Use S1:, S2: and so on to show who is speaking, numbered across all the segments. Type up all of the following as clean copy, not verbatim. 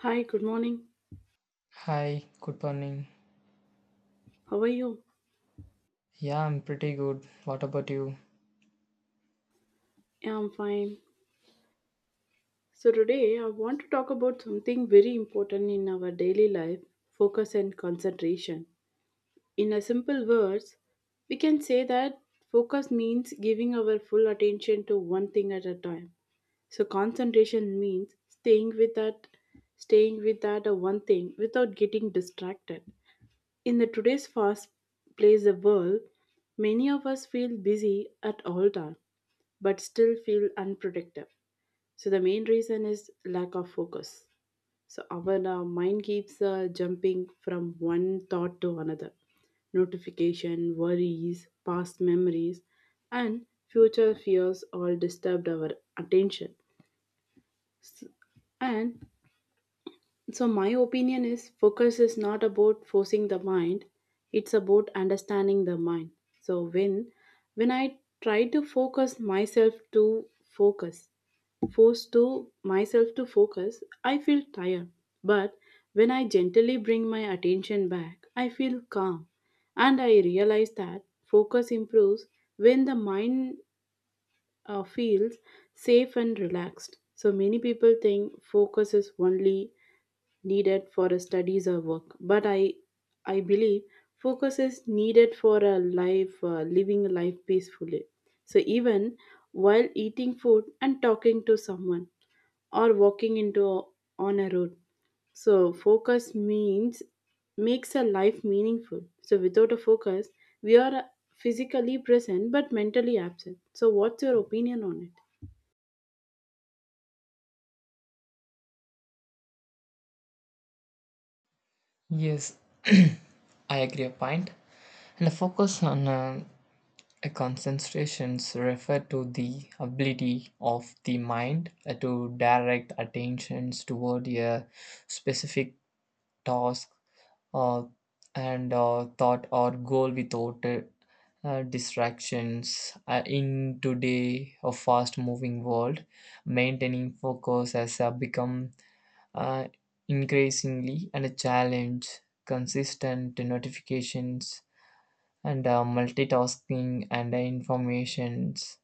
S1: Hi, good morning.
S2: Hi, good morning.
S1: How are you?
S2: Yeah, I'm pretty good. What about you?
S1: Yeah, I'm fine. So, today I want to talk about something very important in our daily life, focus and concentration. In a simple words, we can say that focus means giving our full attention to one thing at a time. So, concentration means staying with that one thing without getting distracted. In the today's fast paced world, many of us feel busy at all times but still feel unproductive. So the main reason is lack of focus. So our mind keeps jumping from one thought to another. Notification, worries, past memories, and future fears all disturbed our attention. S- And my opinion is focus is not about forcing the mind, it's about understanding the mind. So, when I try to focus, force to myself to focus, I feel tired. But when I gently bring my attention back, I feel calm. And I realize that focus improves when the mind feels safe and relaxed. So many people think focus is only needed for a studies or work, but I believe focus is needed for a life, living a life peacefully, so even while eating food and talking to someone, or walking into on a road. So focus means makes a life meaningful. So without a focus, we are physically present but mentally absent. So what's your opinion on it?
S2: Yes, I agree a point. And the focus on a concentrations refer to the ability of the mind to direct attentions toward a specific task or and thought or goal without distractions in today a fast moving world maintaining focus has become uh, increasingly and a challenge consistent notifications and multitasking and informations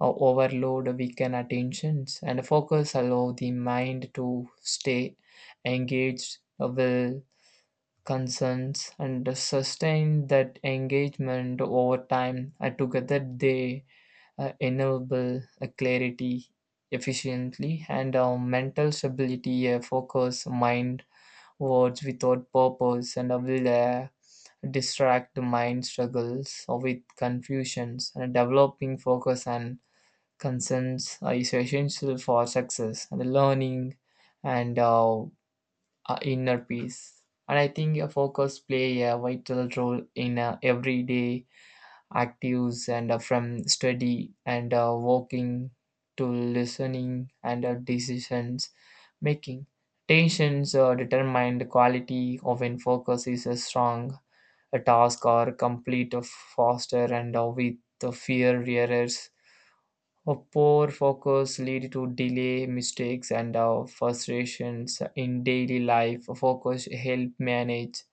S2: overload weaken attentions and focus allow the mind to stay engaged with concerns and sustain that engagement over time and together they enable a clarity efficiently and mental stability a focus mind words without purpose and will distract the mind struggles or with confusions and developing focus and concerns is essential for success and learning and inner peace and I think a focus play a vital role in everyday actives and from study and walking to listening and decisions making. Tensions determine the quality of when focus is a strong, a task or complete faster and with the fear errors. A poor focus lead to delay, mistakes, and frustrations in daily life. Focus help manage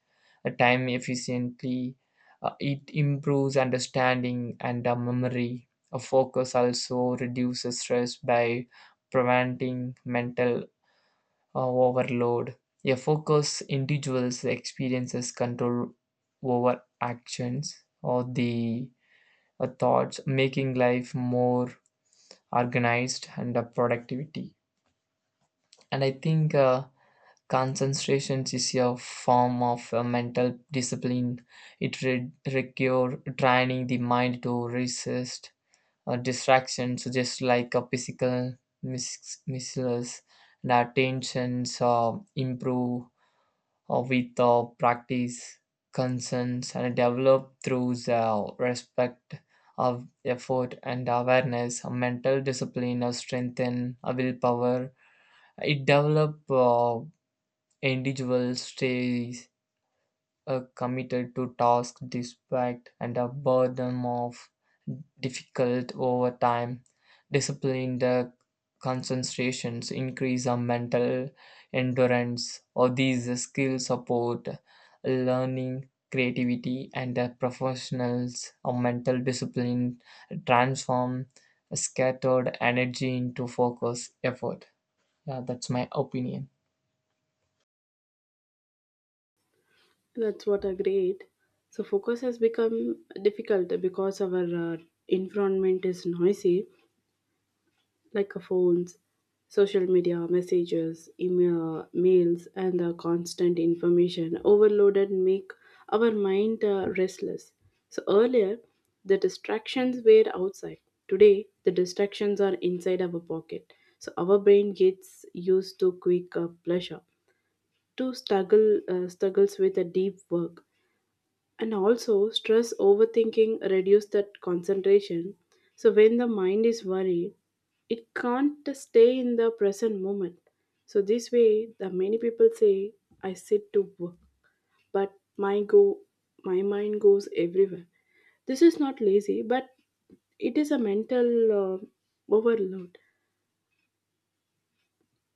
S2: time efficiently. It improves understanding and memory. A focus also reduces stress by preventing mental overload. A focused individual's experiences control over actions or the thoughts, making life more organized and productivity. And I think concentration is a form of mental discipline. Require training the mind to resist distractions, just like a physical missiles. The attentions improve with practice, concerns, and develop through respect of effort and awareness, mental discipline, strengthen willpower. It develop individual stay committed to tasks despite and a burden of difficult over time. Discipline the concentrations increase our mental endurance or these skills support learning creativity and the professionals or mental discipline transform scattered energy into focus effort. Yeah, that's my opinion.
S1: That's what a great. So focus has become difficult because our environment is noisy, like phones, social media, messages, email, mails, and the constant information overloaded make our mind restless. So earlier, the distractions were outside. Today, the distractions are inside our pocket. So our brain gets used to quick pleasure, to struggles with a deep work. And also stress overthinking reduce that concentration. So when the mind is worried, it can't stay in the present moment. So this way the many people say, I sit to work, but my mind goes everywhere. This is not lazy, but it is a mental uh, overload.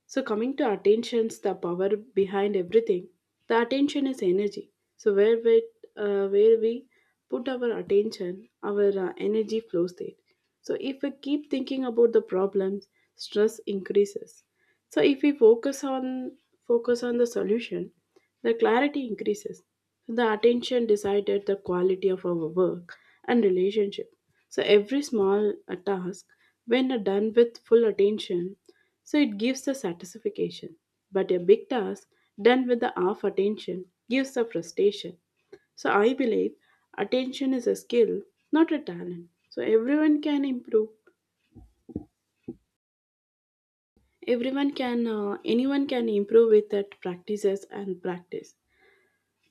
S1: So, coming to attention's the power behind everything. The attention is energy. So, where we put our attention, our energy flows there. So, if we keep thinking about the problems, stress increases. So if we focus on the solution, the clarity increases. The attention decided the quality of our work and relationship. So every small task, when done with full attention, so it gives the satisfaction. But a big task done with the half attention gives the frustration. So I believe attention is a skill, not a talent. So everyone can improve Everyone can, anyone can improve with that practices and practice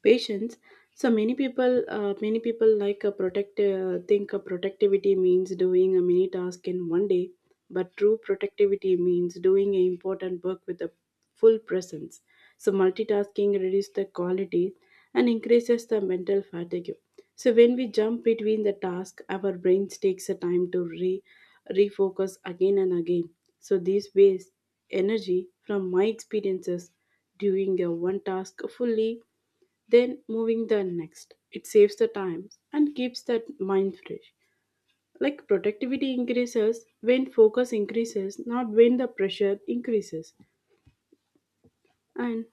S1: patience. So many people like a protect think a productivity means doing a mini task in one day, but true productivity means doing an important work with a full presence. So multitasking reduces the quality and increases the mental fatigue. So when we jump between the task, our brains takes a time to refocus again and again. So these waste energy. From my experiences, doing a one task fully then moving the next, it saves the time and keeps that mind fresh. Like productivity increases when focus increases, not when the pressure increases. And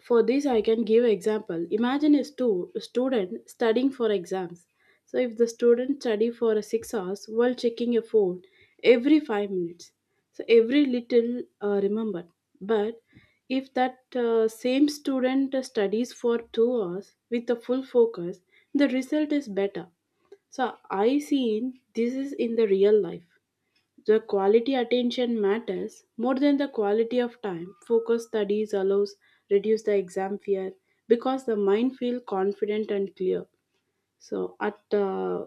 S1: for this, I can give example. Imagine a student studying for exams. So if the student study for 6 hours while checking a phone every 5 minutes, so every little remembered. But if that same student studies for 2 hours with a full focus, the result is better. So I seen this is in the real life. The quality attention matters more than the quality of time. Focus studies allows reduce the exam fear because the mind feel confident and clear. So at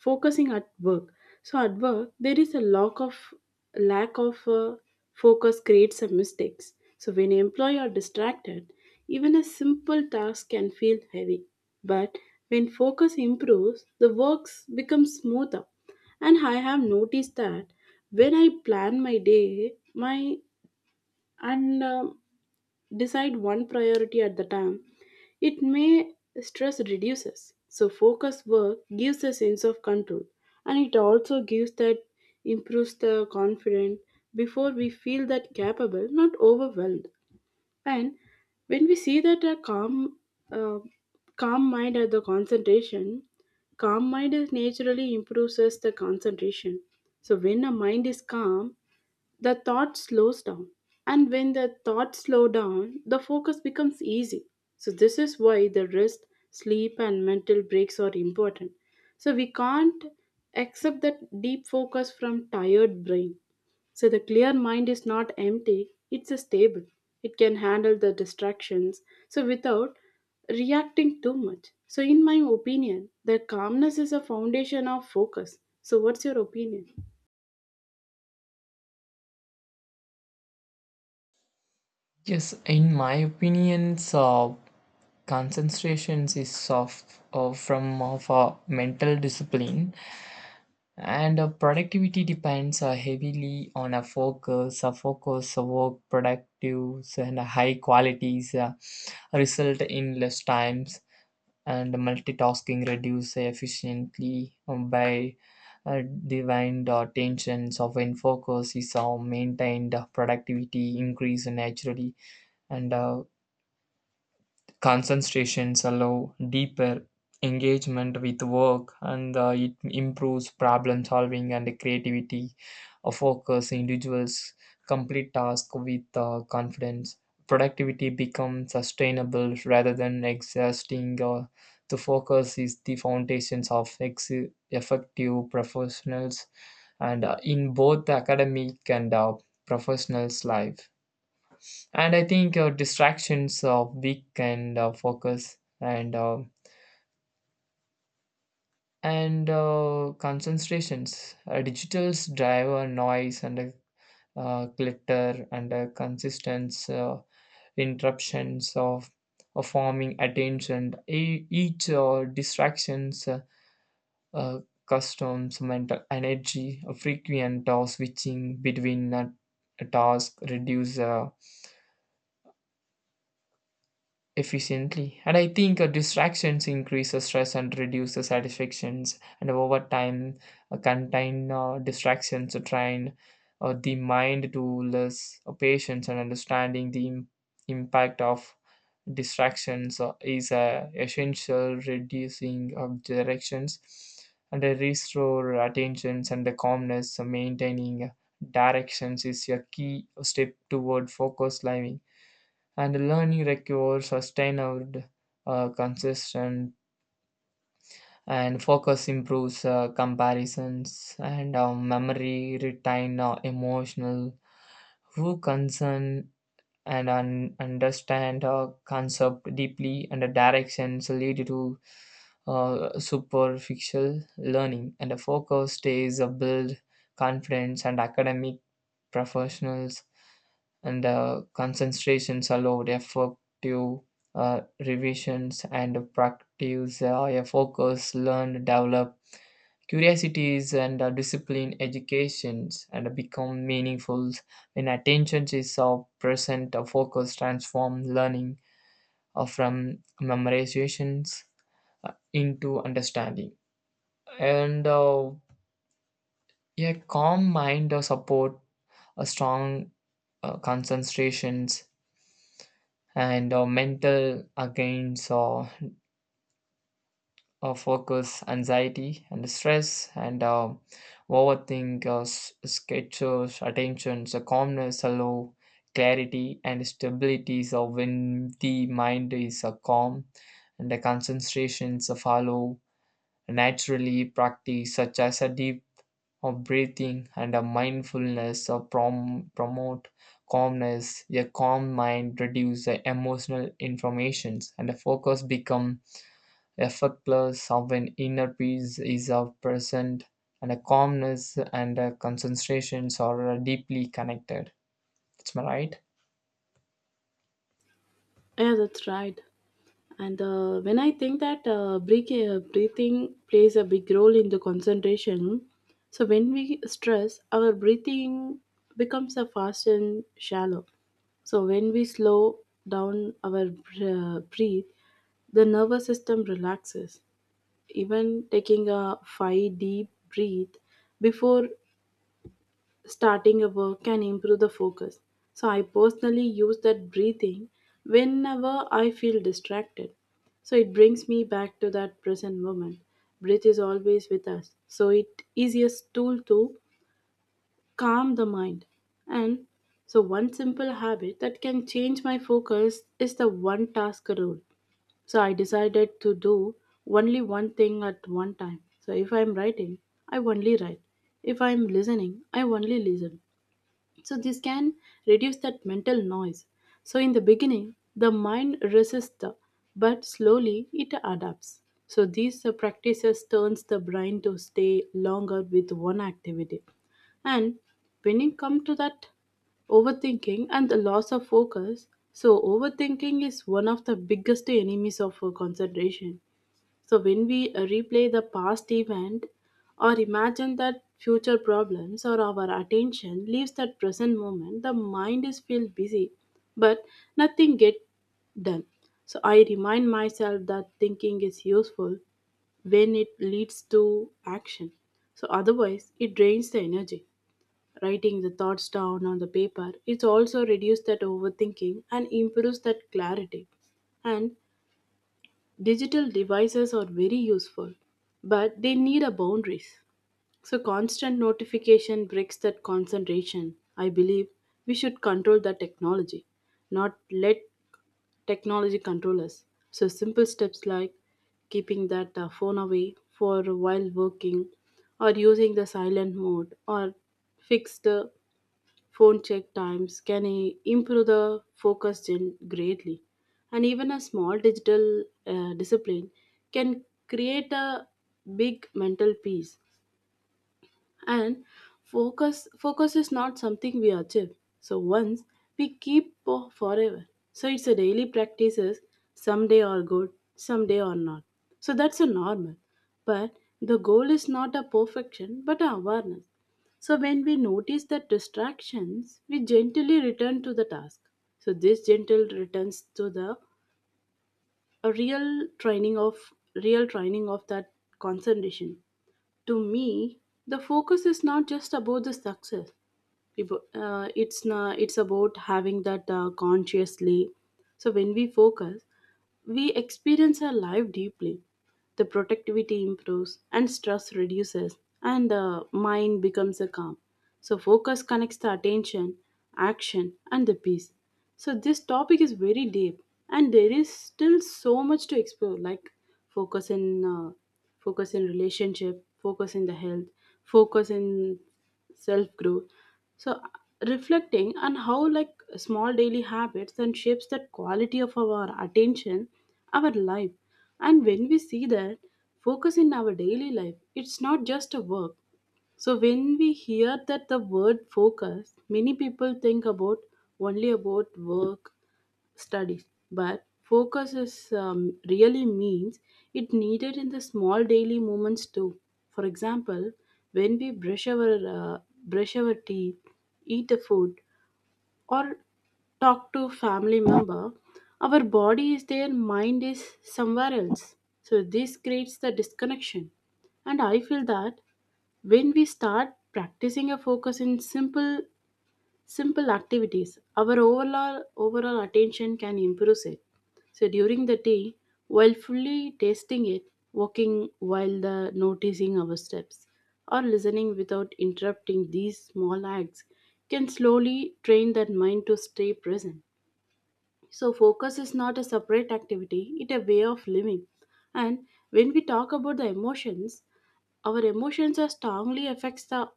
S1: focusing at work, so at work there is a lack of focus creates some mistakes. So when employee are distracted, even a simple task can feel heavy. But when focus improves, the works becomes smoother. And I have noticed that when I plan my day, my and decide one priority at the time, it may stress reduces. So focus work gives a sense of control, and it also gives that improves the confidence before we feel that capable, not overwhelmed. And when we see that uh, calm mind at the concentration, calm mind is naturally improves us the concentration. So when a mind is calm, the thought slows down, and when the thoughts slow down, the focus becomes easy. So this is why the rest, sleep, and mental breaks are important. So we can't accept that deep focus from tired brain. So the clear mind is not empty, it's a stable. It can handle the distractions so without reacting too much. So in my opinion, the calmness is a foundation of focus. So what's your opinion?
S2: Yes, in my opinions, concentrations is of from of a mental discipline and our productivity depends heavily on a focus a work productives and high qualities result in less times and multitasking reduce efficiently by uh, divine the tensions of when focus is maintained productivity increase naturally and concentrations allow deeper engagement with work and it improves problem solving and creativity. A focus individuals complete tasks with confidence. Productivity becomes sustainable rather than exhausting. The focus is the foundations of effective professionals and in both academic and professionals' life. And I think distractions weaken focus and concentrations digitals drive a noise and a glitter and a consistent interruptions of forming attention. Each distractions uh, customs mental energy a frequent switching between tasks reduce efficiently. And I think distractions increase the stress and reduce the satisfactions. And over time, contain distractions to train the mind to less patience and understanding the impact of distractions is essential reducing of directions and restore attentions and the calmness. So maintaining directions is a key step toward focus living and learning requires sustained consistent and focus improves comparisons and memory retain emotional who concern and understand a concept deeply and the directions lead to superficial learning and the focus stays a build confidence and academic professionals and concentrations allowed effective revisions and practice a focus learn develop curiosities and discipline educations and become meaningful when attention is present. A focus transform learning from memorizations into understanding. And a calm mind support a strong concentrations and mental against focus, anxiety, and stress, and overthink, sketches, attention, so calmness, allow clarity, and stability. So when the mind is calm, and the concentrations follow naturally, practice such as a deep of breathing and a mindfulness of promote calmness a calm mind reduce the emotional informations and the focus become effortless, of an inner peace is of present, and a calmness and a concentrations are deeply connected. That's my right.
S1: Yeah, that's right. And when I think that breathing plays a big role in the concentration, so when we stress, our breathing becomes a fast and shallow. So when we slow down our breathe, the nervous system relaxes. Even taking a five deep breath before starting a work can improve the focus. So I personally use that breathing whenever I feel distracted. So it brings me back to that present moment. Breath is always with us. So it is a tool to calm the mind. And so one simple habit that can change my focus is the one task rule. So I decided to do only one thing at one time. So if I'm writing, I only write. If I'm listening, I only listen. So this can reduce that mental noise. So in the beginning, the mind resists, but slowly it adapts. So these practices turns the brain to stay longer with one activity. And when it come to that overthinking and the loss of focus, so overthinking is one of the biggest enemies of concentration. So when we replay the past event or imagine that future problems, or our attention leaves that present moment, the mind is feel busy, but nothing get done. So I remind myself that thinking is useful when it leads to action. So otherwise it drains the energy. Writing the thoughts down on the paper, it also reduces that overthinking and improves that clarity. And digital devices are very useful, but they need a boundaries. So constant notification breaks that concentration. I believe we should control the technology, not let technology control us. So simple steps like keeping that phone away for while working, or using the silent mode, or fix the phone check times can improve the focus greatly. And even a small digital discipline can create a big mental peace. And focus is not something we achieve so once we keep for forever. So it's a daily practices. Someday are good, someday are not. So that's a normal. But the goal is not a perfection but a awareness. So when we notice the distractions, we gently return to the task. So this gentle returns to the a real training of that concentration. To me, the focus is not just about the success. It's na it's about having that consciously. So when we focus, we experience our life deeply. The productivity improves and stress reduces, and the mind becomes a calm. So focus connects the attention, action, and the peace. So this topic is very deep, and there is still so much to explore, like focus in uh, focus in relationship, focus in the health, focus in self growth. So reflecting on how like small daily habits and shapes that quality of our attention, our life. And when we see that focus in our daily life, it's not just a work. So when we hear that the word focus, many people think about only about work, studies. But focus is really means it needed in the small daily moments too. For example, when we uh, brush our teeth, eat the food, or talk to family member, our body is there, mind is somewhere else. So this creates the disconnection. And I feel that when we start practicing a focus in simple. Simple activities. Our overall attention can improve it. So during the day, while fully tasting it, walking while the noticing our steps, or listening without interrupting these small acts can slowly train that mind to stay present. So, focus is not a separate activity, it's a way of living. And when we talk about the emotions, our emotions are strongly affects the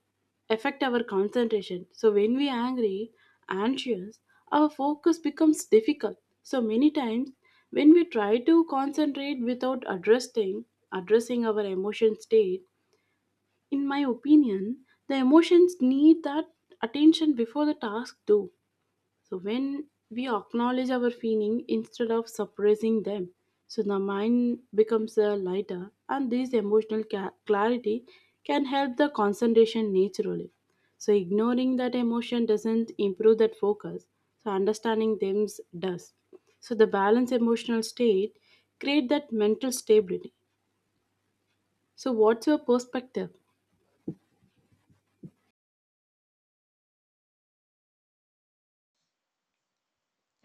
S1: affect our concentration. So when we angry, anxious, our focus becomes difficult. So many times when we try to concentrate without addressing our emotion state, in my opinion, the emotions need that attention before the task do. So when we acknowledge our feeling instead of suppressing them, so the mind becomes lighter, and this emotional clarity can help the concentration naturally. So ignoring that emotion doesn't improve that focus. So understanding them does. So the balanced emotional state create that mental stability. So what's your perspective?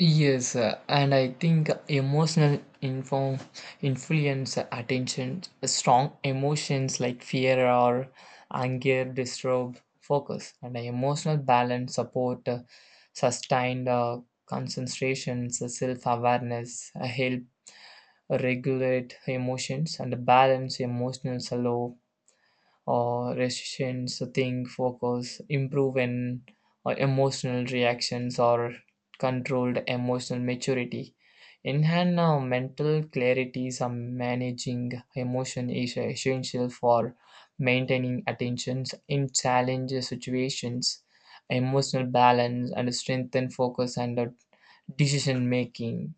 S2: Yes, and I think emotional inform influence attention. Strong emotions like fear or anger disturb focus, and the emotional balance support sustained concentrations, self awareness, help regulate emotions and balance emotional slow or resistance think focus improve in emotional reactions or controlled emotional maturity enhance mental clarity some managing emotion is essential for maintaining attentions in challenge situations emotional balance and strengthen focus and decision making.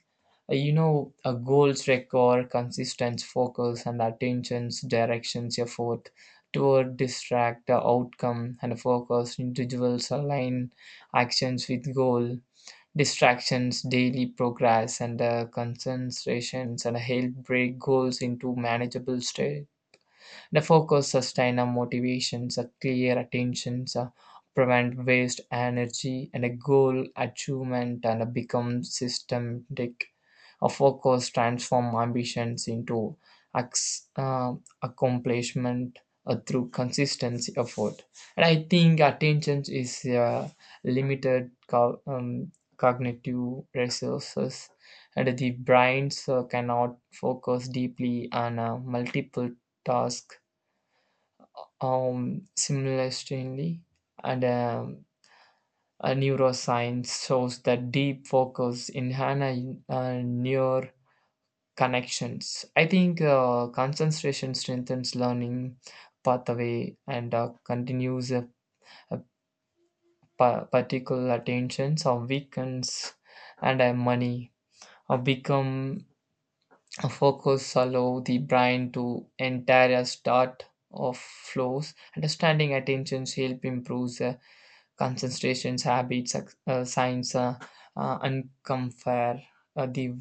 S2: A goals require consistent focus and attention's directions effort toward distract the outcome and focus individuals align actions with goal distractions daily progress and concentrations and help break goals into manageable state the focus sustain our motivations a clear attentions prevent waste energy and a goal achievement and a become systematic a focus transforms ambitions into acc- uh, accomplishment through consistency effort. And I think attention is a limited cognitive resources, and the brains cannot focus deeply on multiple tasks simultaneously. And a neuroscience shows that deep focus in Hannah near connections. I think concentration strengthens learning pathway and continues a particular attentions or weakens and money or become a focus allow the brain to entire a start of flows understanding attentions help improves concentrations habits science uncompare the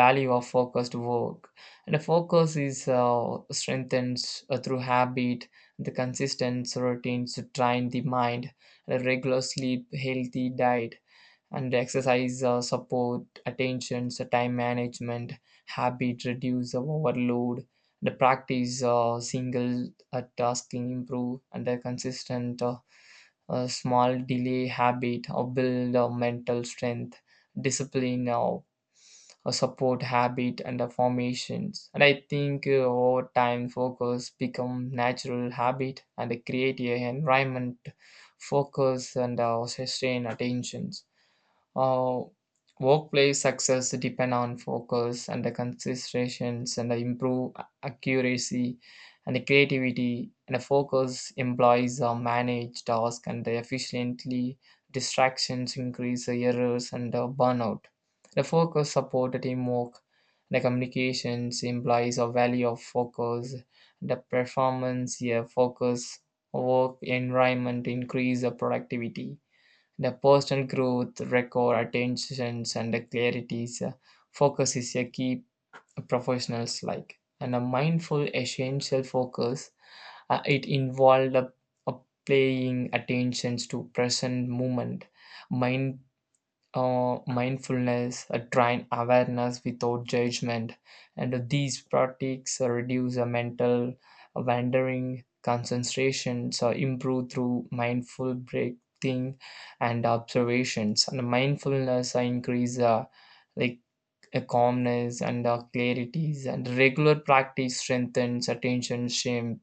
S2: value of focused work and a focus is strengthened through habit the consistent routines to train the mind and a regular sleep healthy diet and exercise support attentions time management habit reduce the overload the practice single tasking improve and the consistent small delay habit or build mental strength discipline or a support habit and the formations. And I think over time focus become natural habit and create a environment focus and sustain attentions uh, workplace success depend on focus and the considerations and the improve accuracy and the creativity and the focus employees manage task and the efficiently distractions increase the errors and the burnout. The focus support the teamwork. The communications implies a value of focus. The performance, yeah, focus work environment increase the productivity the personal growth, record, attentions, and the clarities, focus is a key professionals like. And a mindful essential focus, it involved a paying attentions to present moment, mind mindfulness, train awareness without judgment, and these practices reduce mental wandering, concentrations, improve through mindful breathing and observations. And mindfulness increase like a calmness and clarities, and regular practice strengthens attention, shame,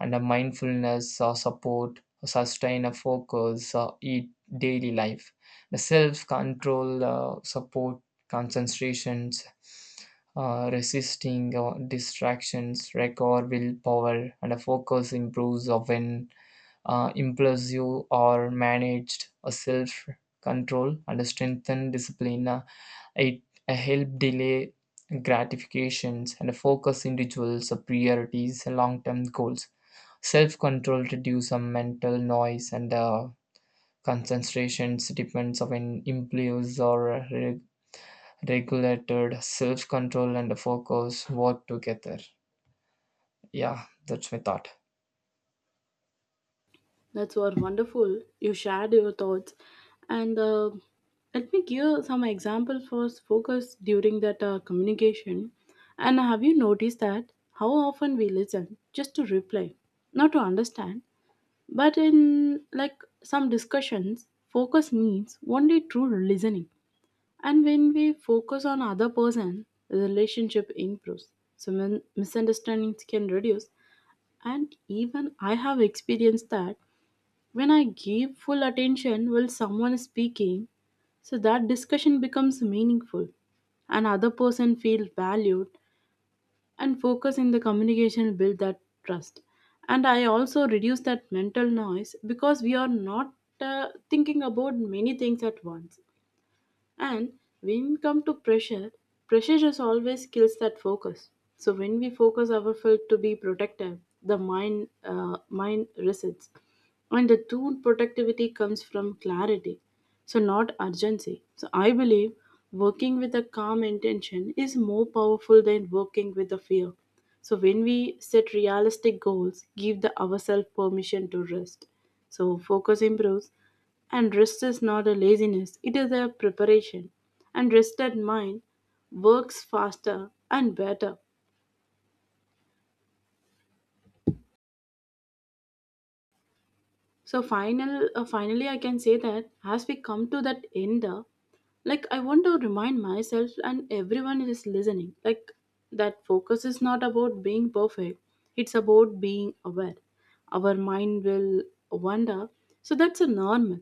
S2: and a mindfulness support sustain a focus eat daily life the self control support concentrations resisting distractions record willpower and a focus improves when impulsive or managed a self control and a strengthen discipline it help delay gratifications and a focus individuals priorities long term goals. Self control reduces some mental noise and concentrations depends on impulse or regulated self control and focus work together. Yeah, that's my thought.
S1: That's what wonderful. You shared your thoughts, and let me give some examples for focus during that communication. And have you noticed that how often we listen just to reply, not to understand? But in like some discussions, focus means only true listening. And when we focus on other person, the relationship improves. So misunderstandings can reduce. And even I have experienced that when I give full attention while someone is speaking, so that discussion becomes meaningful. And other person feels valued and focus in the communication will build that trust and I also reduce that mental noise because we are not uh, thinking about many things at once and when come to pressure just always kills that focus. So when we focus our field to be protective the mind, uh, mind resists and the true productivity comes from clarity, so not urgency. So I believe working with a calm intention is more powerful than working with a fear. So when we set realistic goals, give the ourselves permission to rest. So focus improves and rest is not a laziness, it is a preparation. And rested mind works faster and better. So finally, I can say that as we come to that end, like I want to remind myself and everyone who is listening, like that focus is not about being perfect. It's about being aware. Our mind will wander, so that's a normal,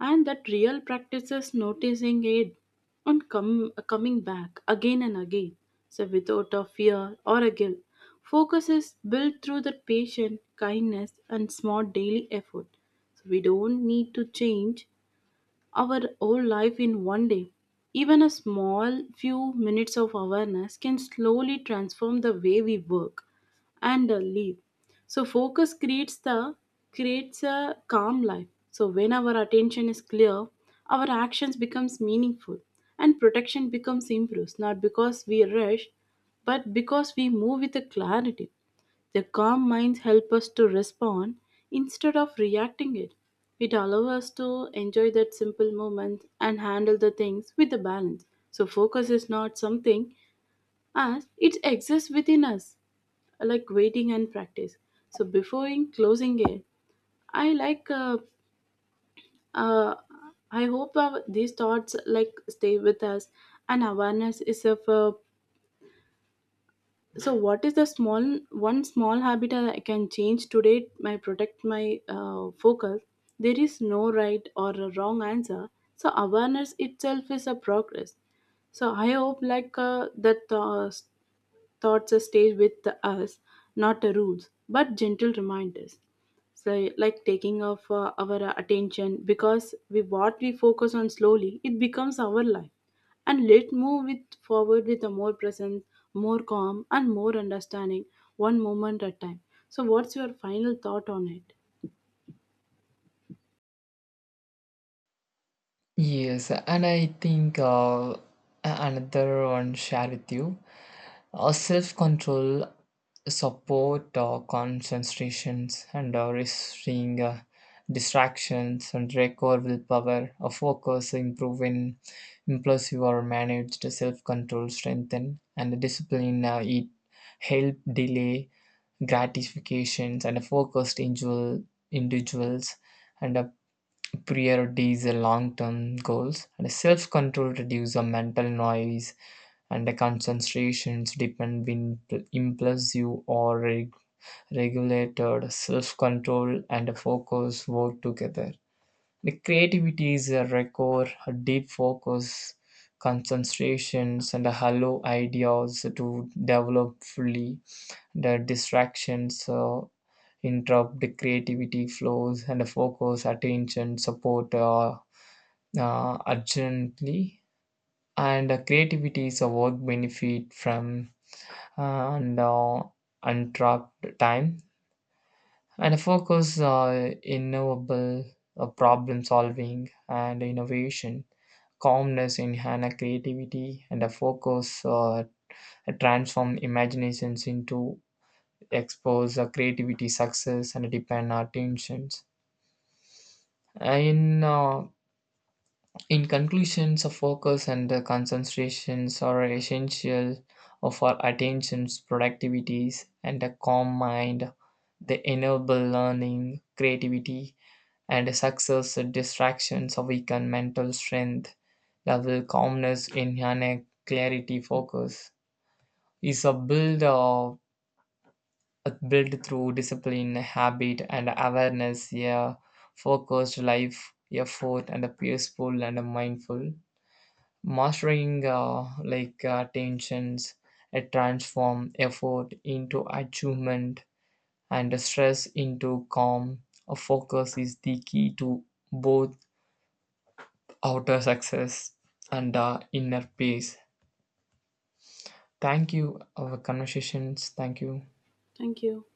S1: and that real practice is noticing it and coming back again and again, so without a fear or a guilt. Focus is built through the patience, kindness, and smart daily effort. So we don't need to change our whole life in one day. Even a small few minutes of awareness can slowly transform the way we work and live. So focus creates the creates a calm life. So when our attention is clear, our actions becomes meaningful and protection becomes improved not because we rush but because we move with a clarity. Their calm minds help us to respond instead of reacting it. It allows us to enjoy that simple moment and handle the things with a balance. So focus is not something as it exists within us, like waiting and practice. So before in closing it, I like uh, I hope these thoughts like stay with us and awareness is of so, what is the small one small habit I can change today? My protect my focus. There is no right or a wrong answer. So, awareness itself is a progress. So, I hope like that thoughts stay with us, not the rules, but gentle reminders. So, like taking off our attention because we what we focus on slowly, it becomes our life. And let move it forward with a more presence, more calm, and more understanding, one moment at a time. So, what's your final thought on it?
S2: Yes, and I think another one share with you. Our self control, support our concentrations and our restrain distractions and record willpower, our focus improving in impulsive or managed self control strengthen and discipline it help delay gratifications and focused individuals and prioritize long term goals and self control reduce the mental noise and the concentrations depend in impulsive or regulated self-control and focus work together. The creativity is a record, a deep focus, concentrations, and allow ideas to develop fully. The distractions interrupt the creativity flows and the focus, attention, support urgently. And creativity is a work benefit from and untrapped time and focus innovable problem solving and innovation calmness enhance creativity and a focus transform imaginations into expose creativity success and depend attentions in in conclusion, so focus and the concentrations are essential for attentions, productivities, and a calm mind. They enable learning, creativity, and success. Distractions weaken mental strength, level calmness, in a clarity, focus is a build of a build through discipline, habit, and awareness. Yeah, focused life, effort, and a peaceful and a mindful. Mastering like tensions, a transform effort into achievement and stress into calm. A focus is the key to both outer success and inner peace. Thank you, our conversations. Thank you.
S1: Thank you.